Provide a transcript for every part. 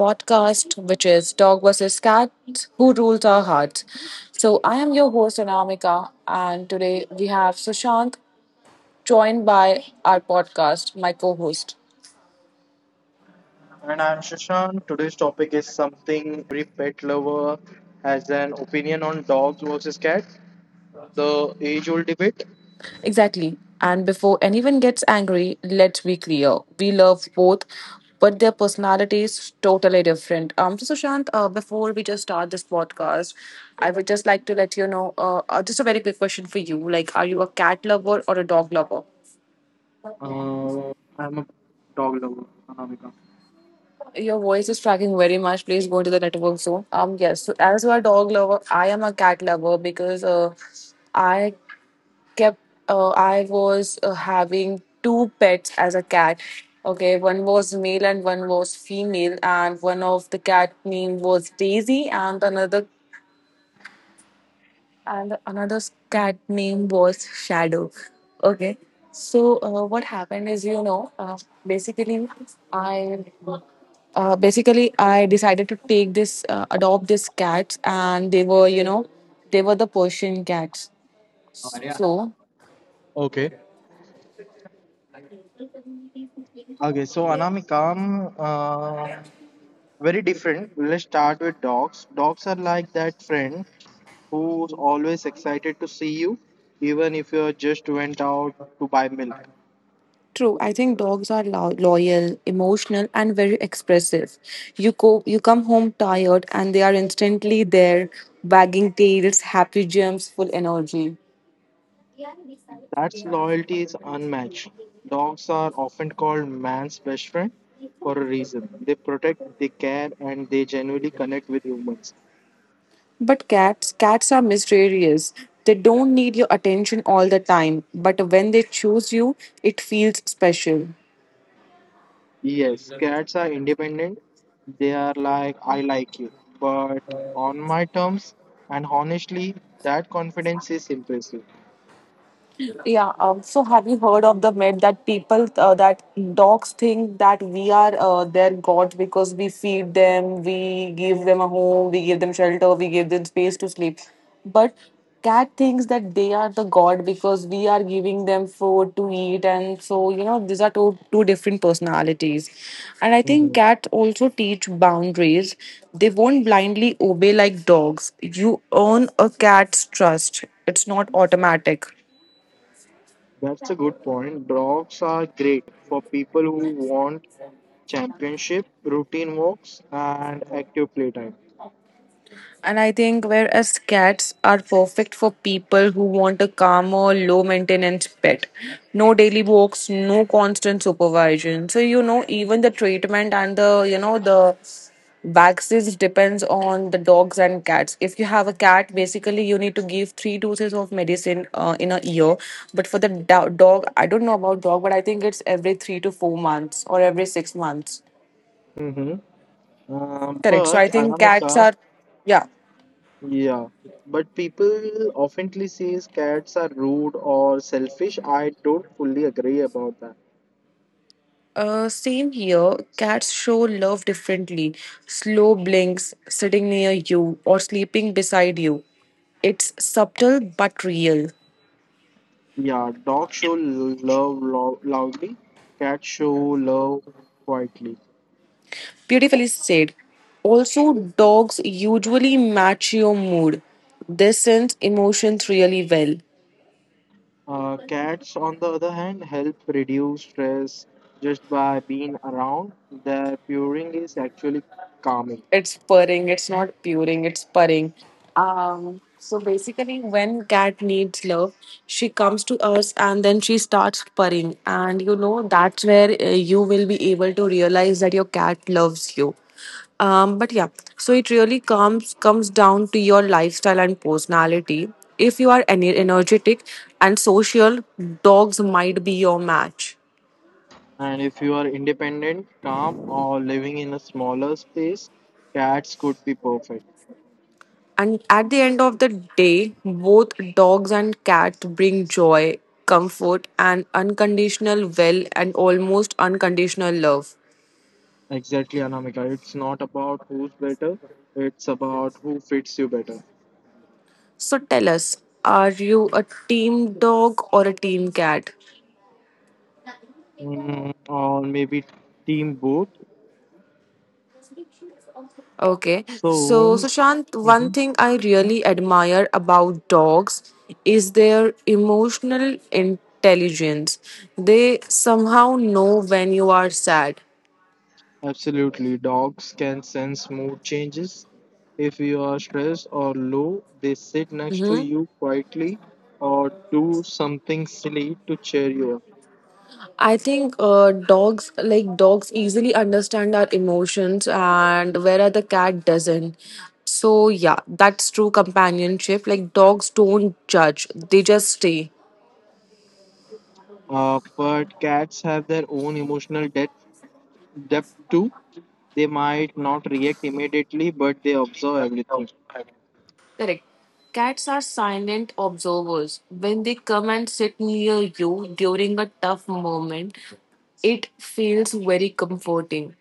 podcast, which is Dog vs. Cat Who Rules Our Hearts. So, I am your host, Anamika, and today we have Sushant joined by our podcast, my co host. And I'm Shashank. Today's topic is something every pet lover has an opinion on dogs versus cat, the age old debate. Exactly. And before anyone gets angry, let's be clear we love both, but their personalities totally different. So Sushant, before we just start this podcast, I would just like to let you know, just a very quick question for you: like, are you a cat lover or a dog lover? Uh, I'm a dog lover, Anamika. Your voice is tracking very much. Please go into the network soon. Yes. So as a dog lover, I am a cat lover because I kept I was having two pets as a cat. Okay, one was male and one was female, and one of the cat name was Daisy, and another cat name was Shadow. Okay, so what happened is, you know, basically, I basically I decided to take this, adopt this cat, and they were, you know, they were the Persian cats. So Okay. Okay, so Anamika, very different. Let's start with dogs. Dogs are like that friend who's always excited to see you, even if you just went out to buy milk. true, I think dogs are loyal, emotional, and very expressive. You go, you come home tired, and they are instantly there, wagging tails, happy jumps, full energy. That's loyalty is unmatched. Dogs are often called man's best friend for a reason. They protect, they care, and they genuinely connect with humans. But cats, cats are mysterious. They don't need your attention all the time, but when they choose you, it feels special. Yes, cats are independent. They are like, I like you, but on my terms. And honestly, that confidence is impressive. Yeah. So have you heard of the myth that people that dogs think that we are their god because we feed them, we give them a home, we give them shelter, we give them space to sleep, but cat thinks that they are the god because we are giving them food to eat, and so you know these are two different personalities, and I think Hmm. cats also teach boundaries. They won't blindly obey like dogs. You earn a cat's trust. It's not automatic. That's a good point. Dogs are great for people who want championship, routine walks, and active playtime. And I think whereas cats are perfect for people who want a calmer, low maintenance pet, no daily walks, no constant supervision. So you know, even the treatment and the you know the vaccines depends on the dogs and cats. If you have a cat, basically you need to give three doses of medicine in a year. But for the dog, I don't know about dog, but I think it's every 3 to 4 months or every 6 months. Mm-hmm. Correct. So But I think cats Anamika, are, yeah. yeah, but people oftenly says cats are rude or selfish. I don't fully agree about that. Same here. Cats show love differently. Slow blinks, sitting near you, or sleeping beside you. It's subtle but real. Yeah, dogs show love loudly, cats show love quietly. Beautifully said. Also, dogs usually match your mood. They sense emotions really well. Cats, on the other hand, help reduce stress just by being around. Their purring is actually calming. It's purring, it's not puring it's purring. So basically when cat needs love she comes to us and then she starts purring and you know that's where you will be able to realize that your cat loves you. But yeah, so it really comes down to your lifestyle and personality. If you are energetic and social, dogs might be your match. And if you are independent, calm, or living in a smaller space, cats could be perfect. And at the end of the day, both dogs and cats bring joy, comfort, and almost unconditional love. Exactly, Anamika. It's not about who's better, it's about who fits you better. So tell us, are you a team dog or a team cat? Or maybe team both. Okay. So So, Sushant, one mhm, thing I really admire about dogs is their emotional intelligence. They somehow know when you are sad. absolutely, dogs can sense mood changes. If you are stressed or low, they sit next to Mhm. you quietly or do something silly to cheer you up. I think dogs easily understand our emotions and whereas the cat doesn't. So yeah, that's true companionship. Like dogs don't judge, they just stay. But cats have their own emotional depth too. They might not react immediately, but they observe everything. Correct. Cats are silent observers. When they come and sit near you during a tough moment, it feels very comforting.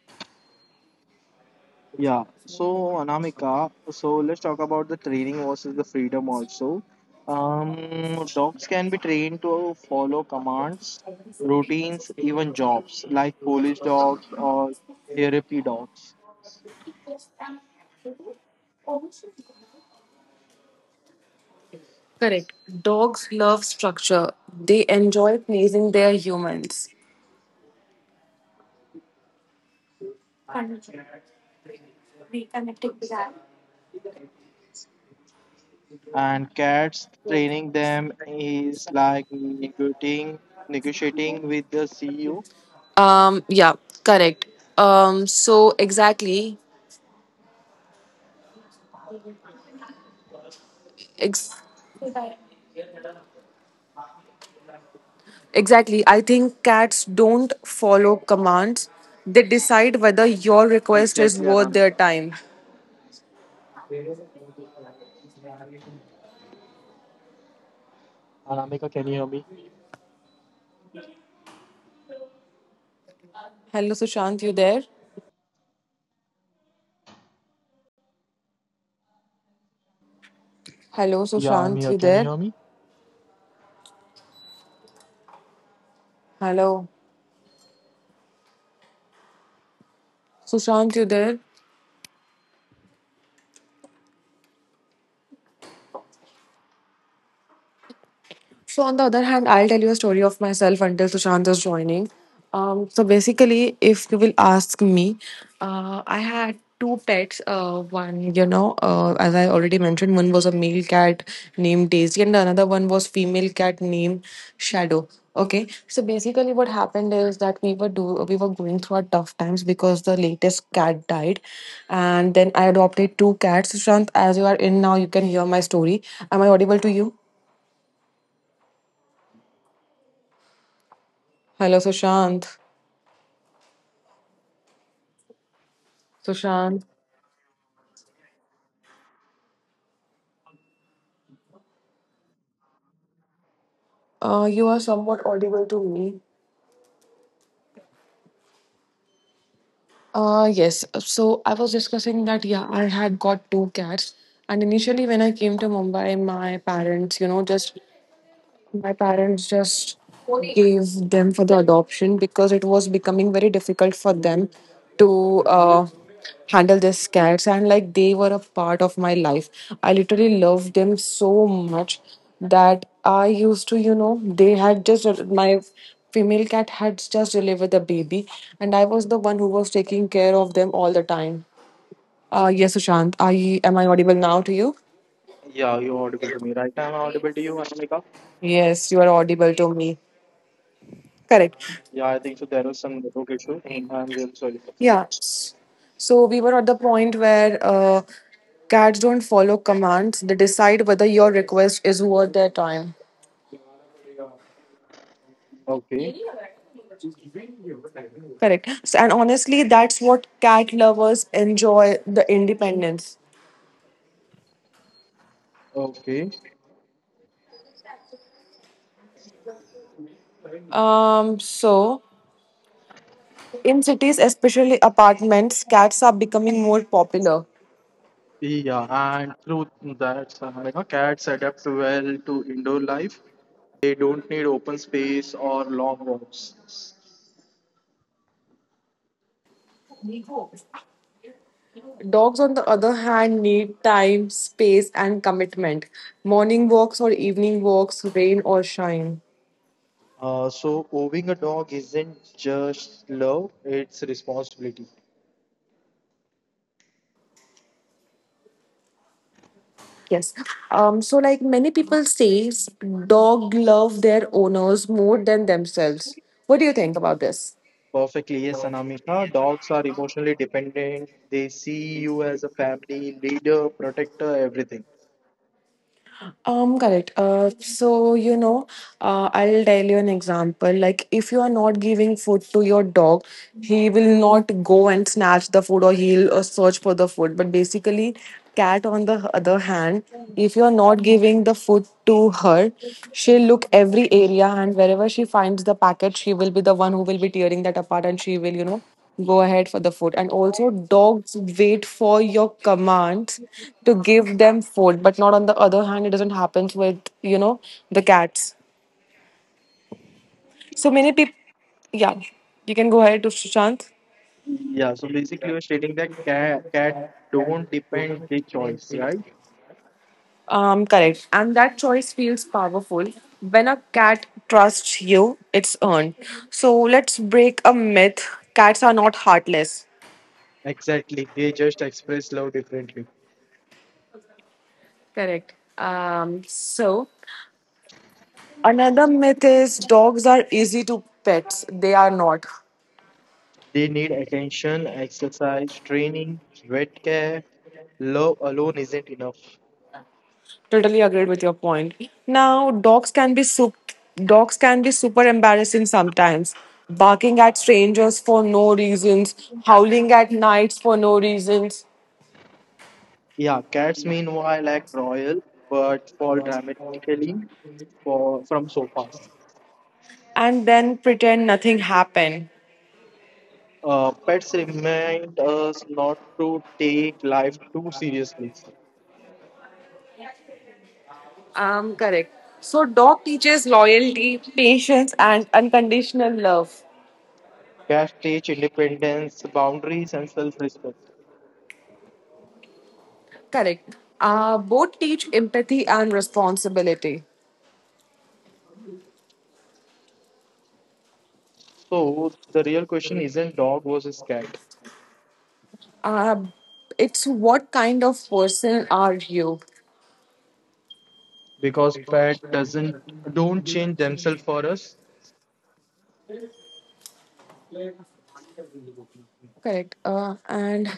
Yeah, so Anamika, so let's talk about the training versus the freedom also. Dogs can be trained to follow commands, routines, even jobs like police dogs or therapy dogs. Correct. Dogs love structure. They enjoy pleasing their humans. And cats, training them is like negotiating with the CEO. Um, yeah, correct. So exactly, ex- exactly. I think cats don't follow commands. They decide whether your request is Exactly, worth their Anamika. time. Anamika, can you hear me? Hello, Sushant, you there? Hello, Yeah, I'm Sushant, here. you Can you there? hear me? Hello, Sushant, you there? So on the other hand, I'll tell you a story of myself until Sushant is joining. So basically, if you will ask me, I had two pets. One, you know, as I already mentioned, one was a male cat named Daisy, and another one was female cat named Shadow. Okay, so basically, what happened is that we were going through our tough times because the latest cat died, and then I adopted two cats. Sushant, as you are in now, you can hear my story. Am I audible to you? Hello, Sushant. Sushant, you are somewhat audible to me. Yes. So I was discussing that, yeah, I had got two cats. And initially, when I came to Mumbai, my parents, you know, just my parents just gave them for the adoption because it was becoming very difficult for them to handle these cats. And like they were a part of my life. I literally loved them so much that I used to, you know, they had just, my female cat had just delivered the baby. And I was the one who was taking care of them all the time. Yes, Sushant, I, am I audible now to you? Yeah, you're audible to me. Right, I'm audible to you, Anamika. Yes, you are audible to me. Correct. Yeah, I think so. There was some network issue. I'm really sorry. Yeah. So we were at the point where cats don't follow commands. They decide whether your request is worth their time. Okay, Correct. So, and honestly, that's what cat lovers enjoy the independence. okay. So in cities, especially apartments, cats are becoming more popular. Yeah, and through that, Anamika, cats adapt well to indoor life. They don't need open space or long walks. Dogs, on the other hand, need time, space, and commitment. Morning walks or evening walks, rain or shine. So owning a dog isn't just love, it's responsibility. Yes. Like many people say, dog love their owners more than themselves. What do you think about this? Perfectly, yes, Anamika. Dogs are emotionally dependent. They see you as a family, leader, protector, everything. Correct. So you know, I'll tell you an example. Like, if you are not giving food to your dog, he will not go and snatch the food, or he'll search for the food. But basically, cat on the other hand, if you are not giving the food to her, she'll look every area, and wherever she finds the packet, she will be the one who will be tearing that apart, and she will, you know, go ahead for the food. And also, dogs wait for your commands to give them food, but not on the other hand, it doesn't happen with you know the cats. So many people, yeah, you can go ahead, to shant Yeah, so basically you're stating that cat don't depend the choice, right? Correct. And that choice feels powerful. When a cat trusts you, it's earned. So let's break a myth: cats are not heartless. Exactly. They just express love differently. Correct. So another myth is dogs are easy to pets. They are not. They need attention, exercise, training, vet care. Love alone isn't enough. Totally agreed with your point. Now, dogs can be super embarrassing sometimes. Barking at strangers for no reasons, howling at nights for no reasons, Yeah, cats meanwhile act royal but fall dramatically from sofas. and then pretend nothing happened. Pets remind us not to take life too seriously. Correct. So, dog teaches loyalty, patience, and unconditional love. Cats teach independence, boundaries, and self-respect. Correct. Both teach empathy and responsibility. So the real question isn't dog versus cat Uh, it's what kind of person are you? because pet doesn't don't change themselves for us. Correct. And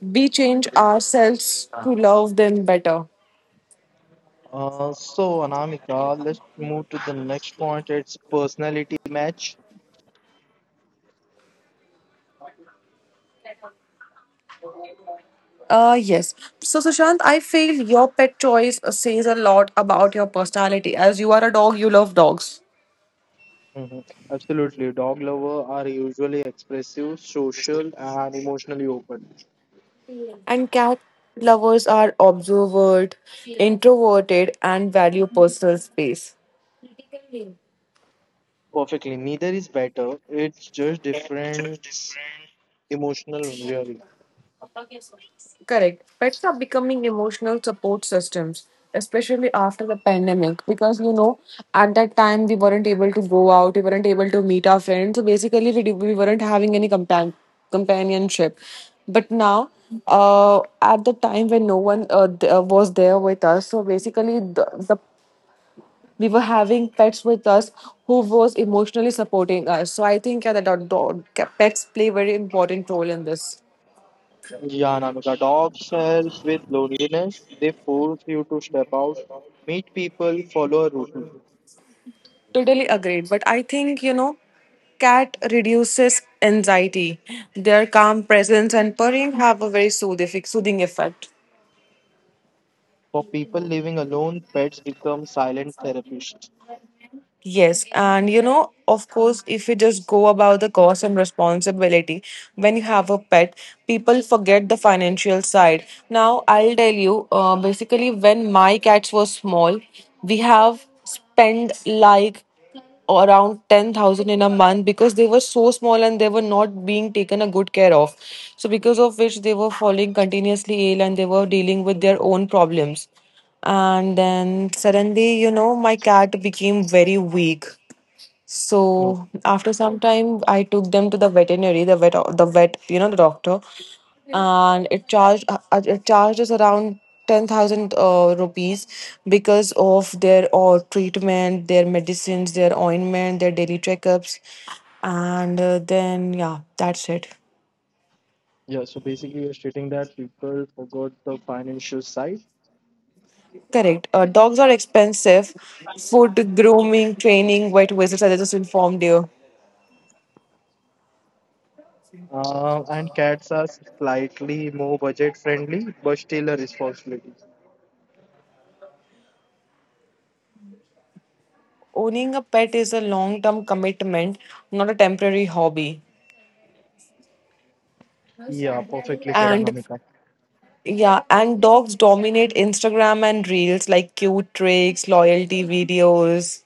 we change ourselves to love them better. So Anamika, let's move to the next point. It's personality match. Yes. So, Sushant, I feel your pet choice says a lot about your personality. As you are a dog, you love dogs. Mhm. Absolutely, dog lovers are usually expressive, social, and emotionally open. And cat lovers are observant, introverted, and value personal space. Perfectly, neither is better. It's just different emotional wearing. Correct. Pets are becoming emotional support systems, especially after the pandemic, because you know, at that time we weren't able to go out, we weren't able to meet our friends. So basically, we weren't having any companionship. But now, at the time when no one was there with us, so basically, the we were having pets with us who was emotionally supporting us. So I think yeah, that pets play very important role in this. Yeah, Anamika, dogs help with loneliness. They force you to step out, meet people, follow a routine. Totally agreed. But I think, you know, cat reduces anxiety. Their calm presence and purring have a very soothing effect. For people living alone, pets become silent therapists. Yes, and you know, of course, if you just go about the cost and responsibility, when you have a pet, people forget the financial side. Now, I'll tell you, basically, when my cats were small, we have spent like around 10,000 in a month because they were so small and they were not being taken a good care of. So because of which they were falling continuously ill and they were dealing with their own problems. And then suddenly, you know, my cat became very weak. Oh, So after some time, I took them to the veterinary, you know, the doctor, and it charged us around 10,000 rupees because of their treatment, their medicines, their ointment, their daily checkups, and then yeah, that's it. yeah. So basically, you're stating that people forgot the financial side. Correct. Dogs are expensive. Food, grooming, training, vet visits. I just informed you. And cats are slightly more budget friendly, but still a responsibility. Owning a pet is a long-term commitment, not a temporary hobby. Yeah, perfectly said, And Anamika. yeah, and dogs dominate Instagram and reels like cute tricks, loyalty videos.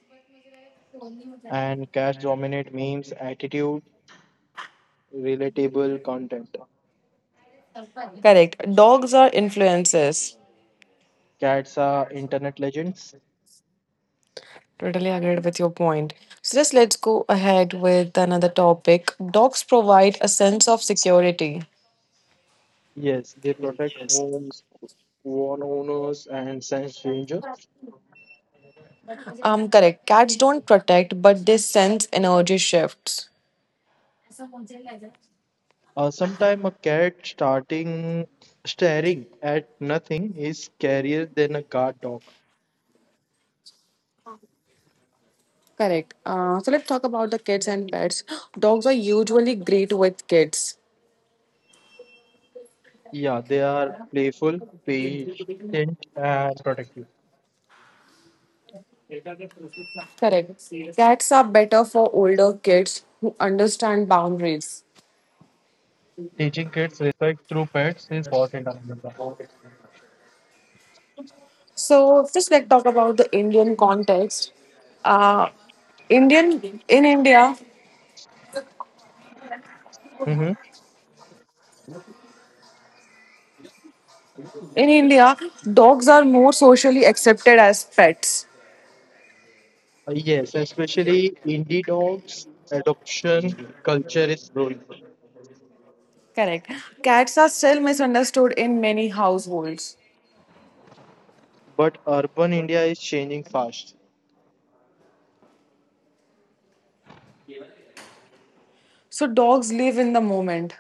And cats dominate memes, attitude, relatable content. Correct. Dogs are influencers. Cats are internet legends. Totally agreed with your point. So just let's go ahead with another topic. Dogs provide a sense of security. Yes, they protect homes, one owners, and sense danger. Correct. Cats don't protect, but they sense energy shifts. Sometime a cat starting staring at nothing is scarier than a guard dog. Correct. So let's talk about the kids and pets. Dogs are usually great with kids. Yeah, they are playful, patient, and protective. Correct. Cats are better for older kids who understand boundaries. Teaching kids respect through pets important. Anurag. So just like talk about the Indian context. Uh, Indian in India, Mm-hmm. in India, dogs are more socially accepted as pets. Yes, especially indie dogs, adoption culture is growing, Correct. Cats are still misunderstood in many households. but urban India is changing fast. So dogs live in the moment.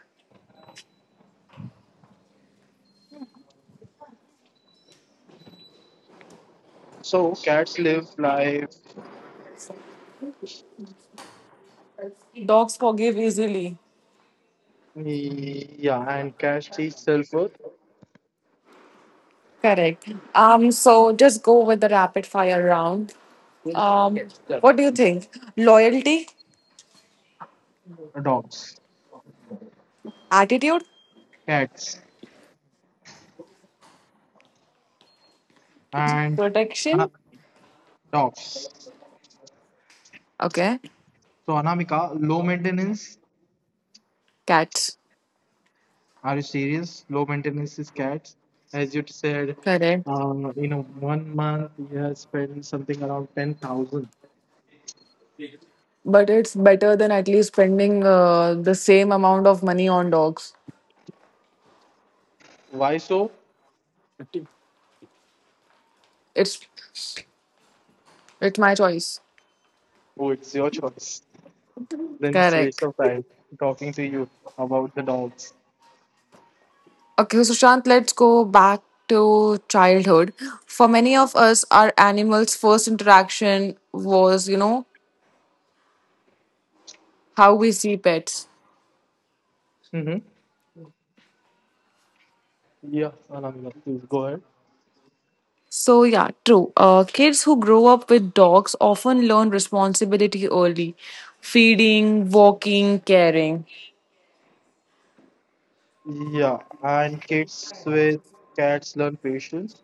So cats live life, Dogs forgive easily. yeah, and cats teach self-worth. Correct. So just go with the rapid fire round. Um, what do you think? Loyalty, Dogs, attitude, cats and uh, Protection? dogs. Okay, So Anamika, low maintenance. cats. Are you serious? Low maintenance is cats. As you said, Correct. uh, in a one month you have spent something around 10,000. But it's better than at least spending the same amount of money on dogs. Why so? It's it's my choice. Oh, it's your choice. Then it's waste Correct. of time talking to you about the dogs. Okay, so Shant, let's go back to childhood. For many of us, our animals' first interaction was, you know, how we see pets. Mm-hmm. Yeah, Anamika, please go ahead. So, yeah, true. Kids who grow up with dogs often learn responsibility early: feeding, walking, caring. Yeah, and kids with cats learn patience.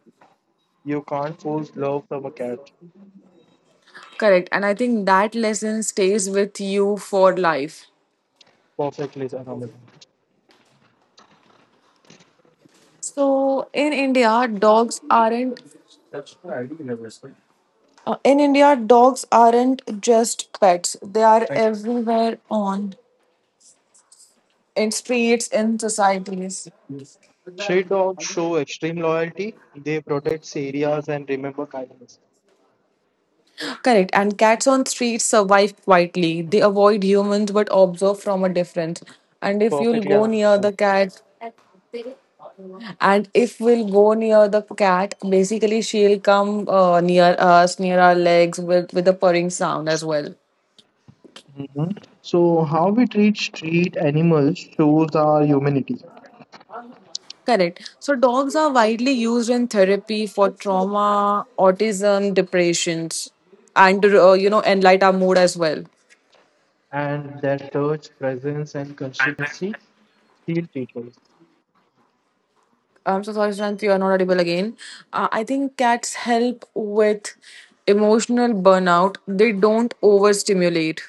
You can't force love from a cat. Correct. And I think that lesson stays with you for life. Perfectly, Anamika. So, in India, dogs aren't. In India, dogs aren't just pets. They are right, everywhere on in streets, in societies. Street dogs show extreme loyalty. They protect areas and remember kindness. Correct. And cats on streets survive quietly. They avoid humans but observe from a distance. And if you'll Perfectly, go near Anamika. the cat, and if we'll go near the cat, basically she'll come near us, near our legs, with a purring sound as well. Mhm. So, how we treat street animals shows our humanity Correct. So dogs are widely used in therapy for trauma, autism, depressions, and you know, enlight our mood as well. and their touch, presence, and consistency heal people. I'm so sorry, Shanti, you're not audible again. I think cats help with emotional burnout. They don't overstimulate.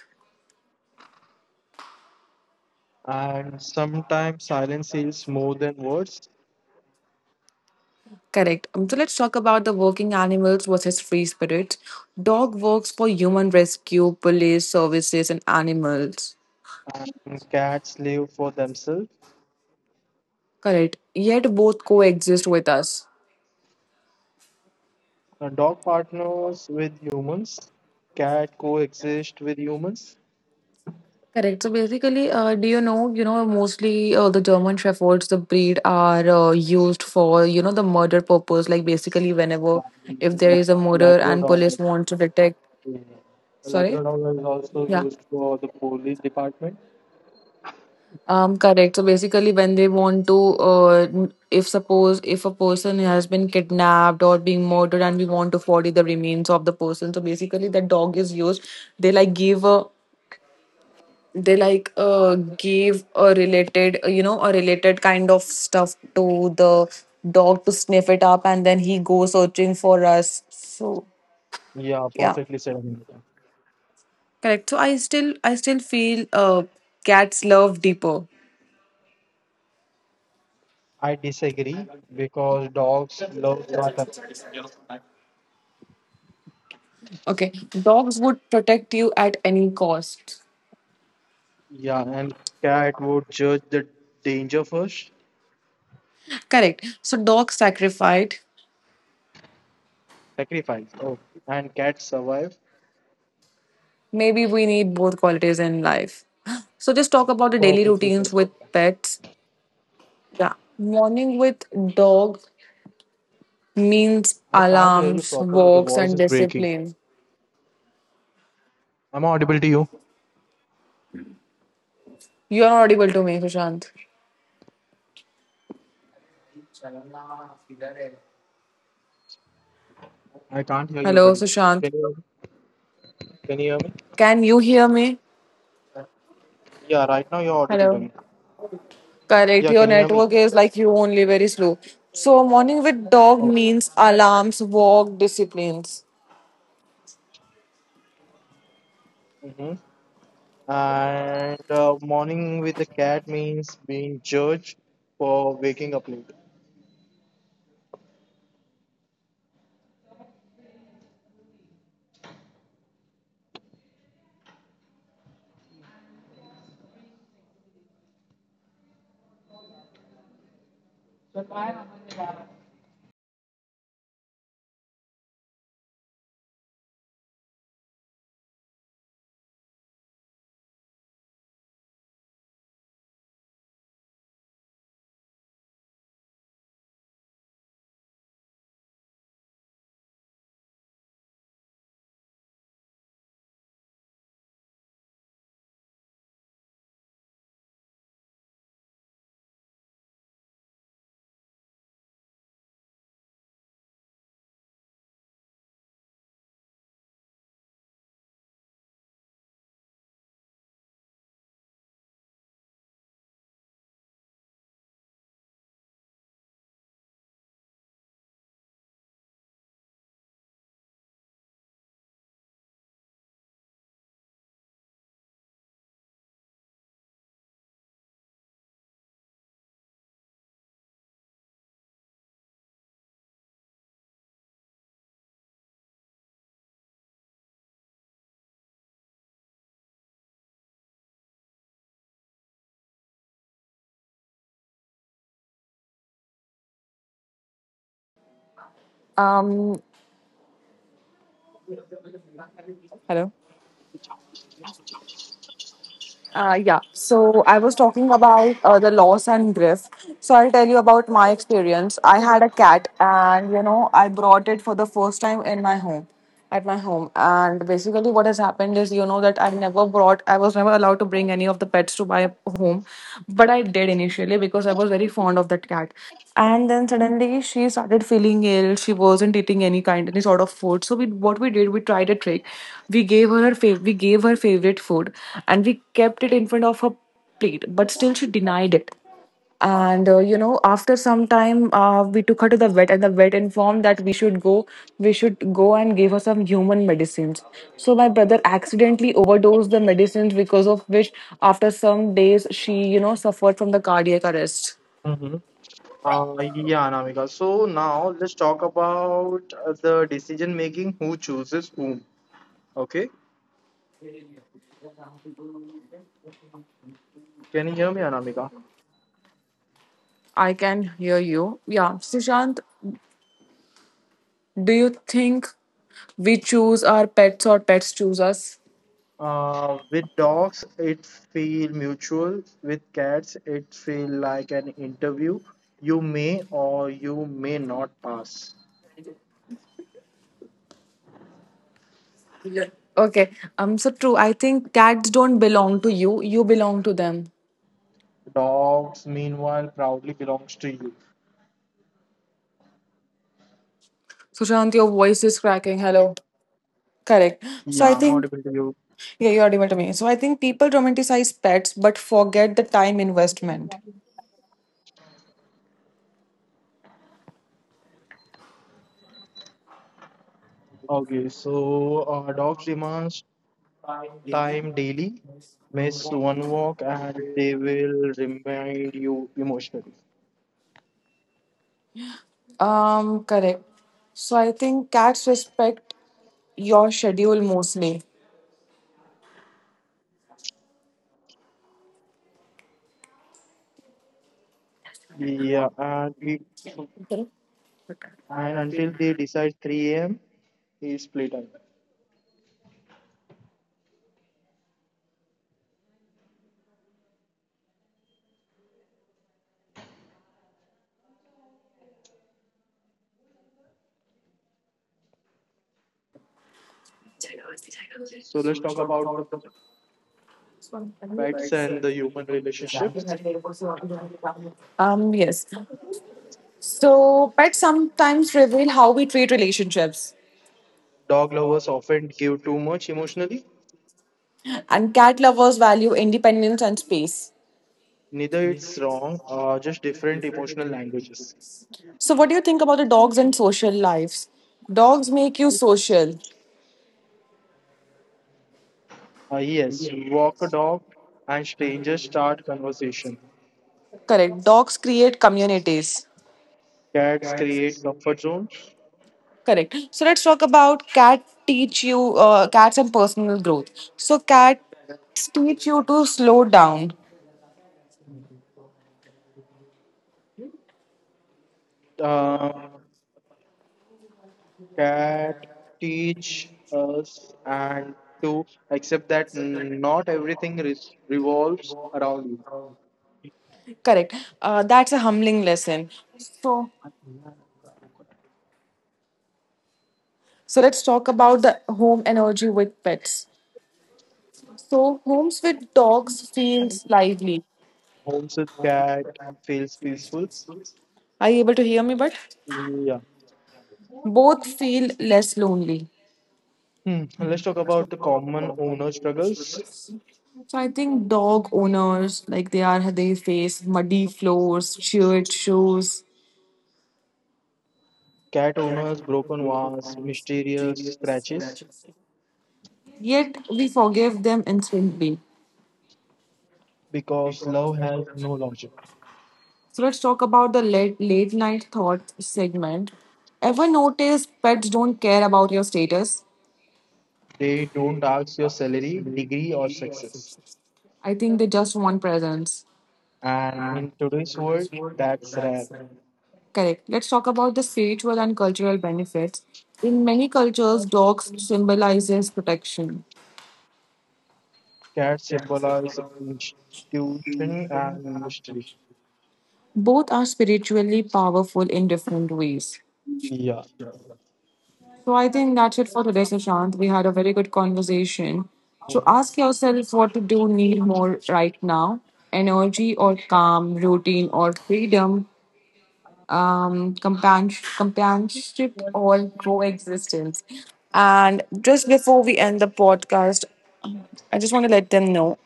And sometimes silence heals more than words. Correct. So let's talk about the working animals versus free spirits. Dog works for human rescue, police services, and animals. And cats live for themselves. Correct. Yet both coexist with us. A dog partners with humans. Cat coexist with humans. Correct. So basically, do you know, mostly the German Shepherds, the breed are used for, you know, the murder purpose. Like basically, whenever if And there is a murder and police Labrador. want to detect, Yeah. A sorry, Labrador is also yeah, used for the police department. Correct. So basically, when they want to, if suppose if a person has been kidnapped or being murdered, and we want to 40 the remains of the person, so basically, the dog is used. They like give a they like gave a related you know a related kind of stuff to the dog to sniff it up and then he goes searching for us. So Yeah, yeah, perfectly said, America. correct. So I still feel cats love deeper. I disagree because dogs love water. Okay, dogs would protect you at any cost. Yeah, and cat would judge the danger first, Correct. So dogs sacrificed, sacrifice. Oh, and cats survive. maybe we need both qualities in life. So just talk about the daily Perfectly said, routines with America. pets. Yeah, morning with dog means I can't hear you alarms, properly. The walks, voice and is breaking. discipline. Am I audible to you? You're not audible to me, Sushant. I can't hear you, Hello, buddy. Sushant. Can you hear me? Can you hear me? Can you hear me? Yeah, right now you're audible to Hello. me. Correct. Yeah, Your can you hear me? network is like you only very slow. So, morning with dog Oh. means alarms, walk, disciplines. Mhm. And morning with the cat means being judged for waking up late. Um, Hello. Yeah, so I was talking about the loss and grief. So I'll tell you about my experience. I had a cat, and I brought it for the first time in my home, at my home. And basically, what has happened is, that I was never allowed to bring any of the pets to my home, but I did initially because I was very fond of that cat. And then suddenly, she started feeling ill. She wasn't eating any sort of food, so we what we did we tried a trick. We gave her favorite food and we kept it in front of her plate, but still she denied it. And after some time, we took her to the vet, and the vet informed that we should go and give her some human medicines. So my brother accidentally overdosed the medicines, because of which after some days she, suffered from the cardiac arrest. Mm-hmm. Yeah, Anamika. So now let's talk about the decision making, who chooses whom. Okay. Can you hear me, Anamika? I can hear you. Yeah, Sushant. Do you think we choose our pets or pets choose us? With dogs, it feel mutual. With cats, it feel like an interview. You may or you may not pass. Okay, so true. I think cats don't belong to you, you belong to them. Dogs, meanwhile, proudly belongs to you. Sushant, your voice is cracking. Hello. Correct. So, I Yeah, I'm think, audible to you. yeah, you're audible to me. So, I think people romanticize pets but forget the time investment. Okay, so dogs demands time daily. Miss one walk and they will remind you emotionally. Correct. So, I think cats respect your schedule mostly. Yeah, and it Correct. and until they decide 3 a.m. is playtime. So let's talk about the pets and the human relationships. Yes. So, pets sometimes reveal how we treat relationships, Dog lovers often give too much emotionally. and cat lovers value independence and space. Neither it's wrong, just different emotional languages. So, what do you think about the dogs and social lives? Dogs make you social. Yes, walk a dog and strangers start conversation. Correct. Dogs create communities. Cats create comfort zones. Correct. So, let's talk about cat teach you cats and personal growth. So, cats teach you to slow down. Uh, that teach us and to accept that not everything revolves around Correct. That's a humbling lesson. So, you. so let's talk about the home energy with pets. So homes with dogs feels lively. Homes with cat feels peaceful. Are you able to hear me? But Yeah. both feel less lonely. Hmm. Let's talk about the common owner struggles. So I think dog owners, like, they face muddy floors, shared shoes. Cat owners, broken vase, mysterious scratches. Yet we forgive them instantly. Because love has no logic. So let's talk about the late night thought segment. Ever notice pets don't care about your status? They don't ask your salary, degree, or success. I think they just want presence. And in today's world, that's rare. Correct. Let's talk about the spiritual and cultural benefits. In many cultures, dogs symbolizes protection. Cat symbolize institution and mystery. Both are spiritually powerful in different ways. Yeah. So I think that's it for today, Sushant. We had a very good conversation. So ask Mhm. yourself what to do need more right now. Energy or calm, routine or freedom, companionship or coexistence. And just before we end the podcast, I just want to let them know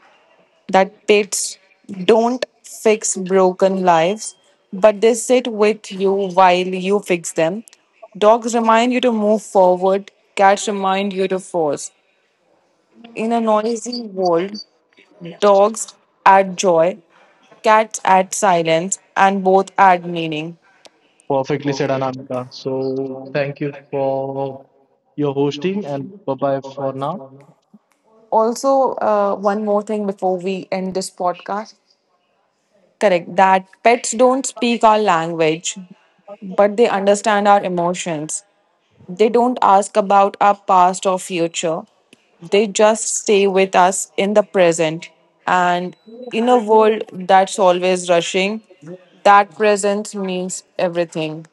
that pets don't fix broken lives, but they sit with you while you fix them. Dogs remind you to move forward, cats remind you to pause. In a noisy world, dogs add joy, cats add silence, and both add meaning. Perfectly said, Anamika. So thank you for your hosting and bye bye for now. Also, one more thing before we end this podcast. Correct, that pets don't speak our language, but they understand our emotions. They don't ask about our past or future. They just stay with us in the present. And in a world that's always rushing, that presence means everything.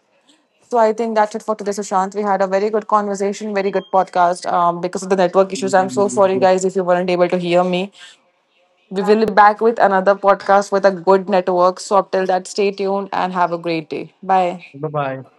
So I think that's it for today, Sushant. We had a very good conversation, very good podcast. Because of the network issues, I'm so sorry, guys, if you weren't able to hear me. We will be back with another podcast with a good network. So up till that, stay tuned and have a great day. Bye. Bye bye.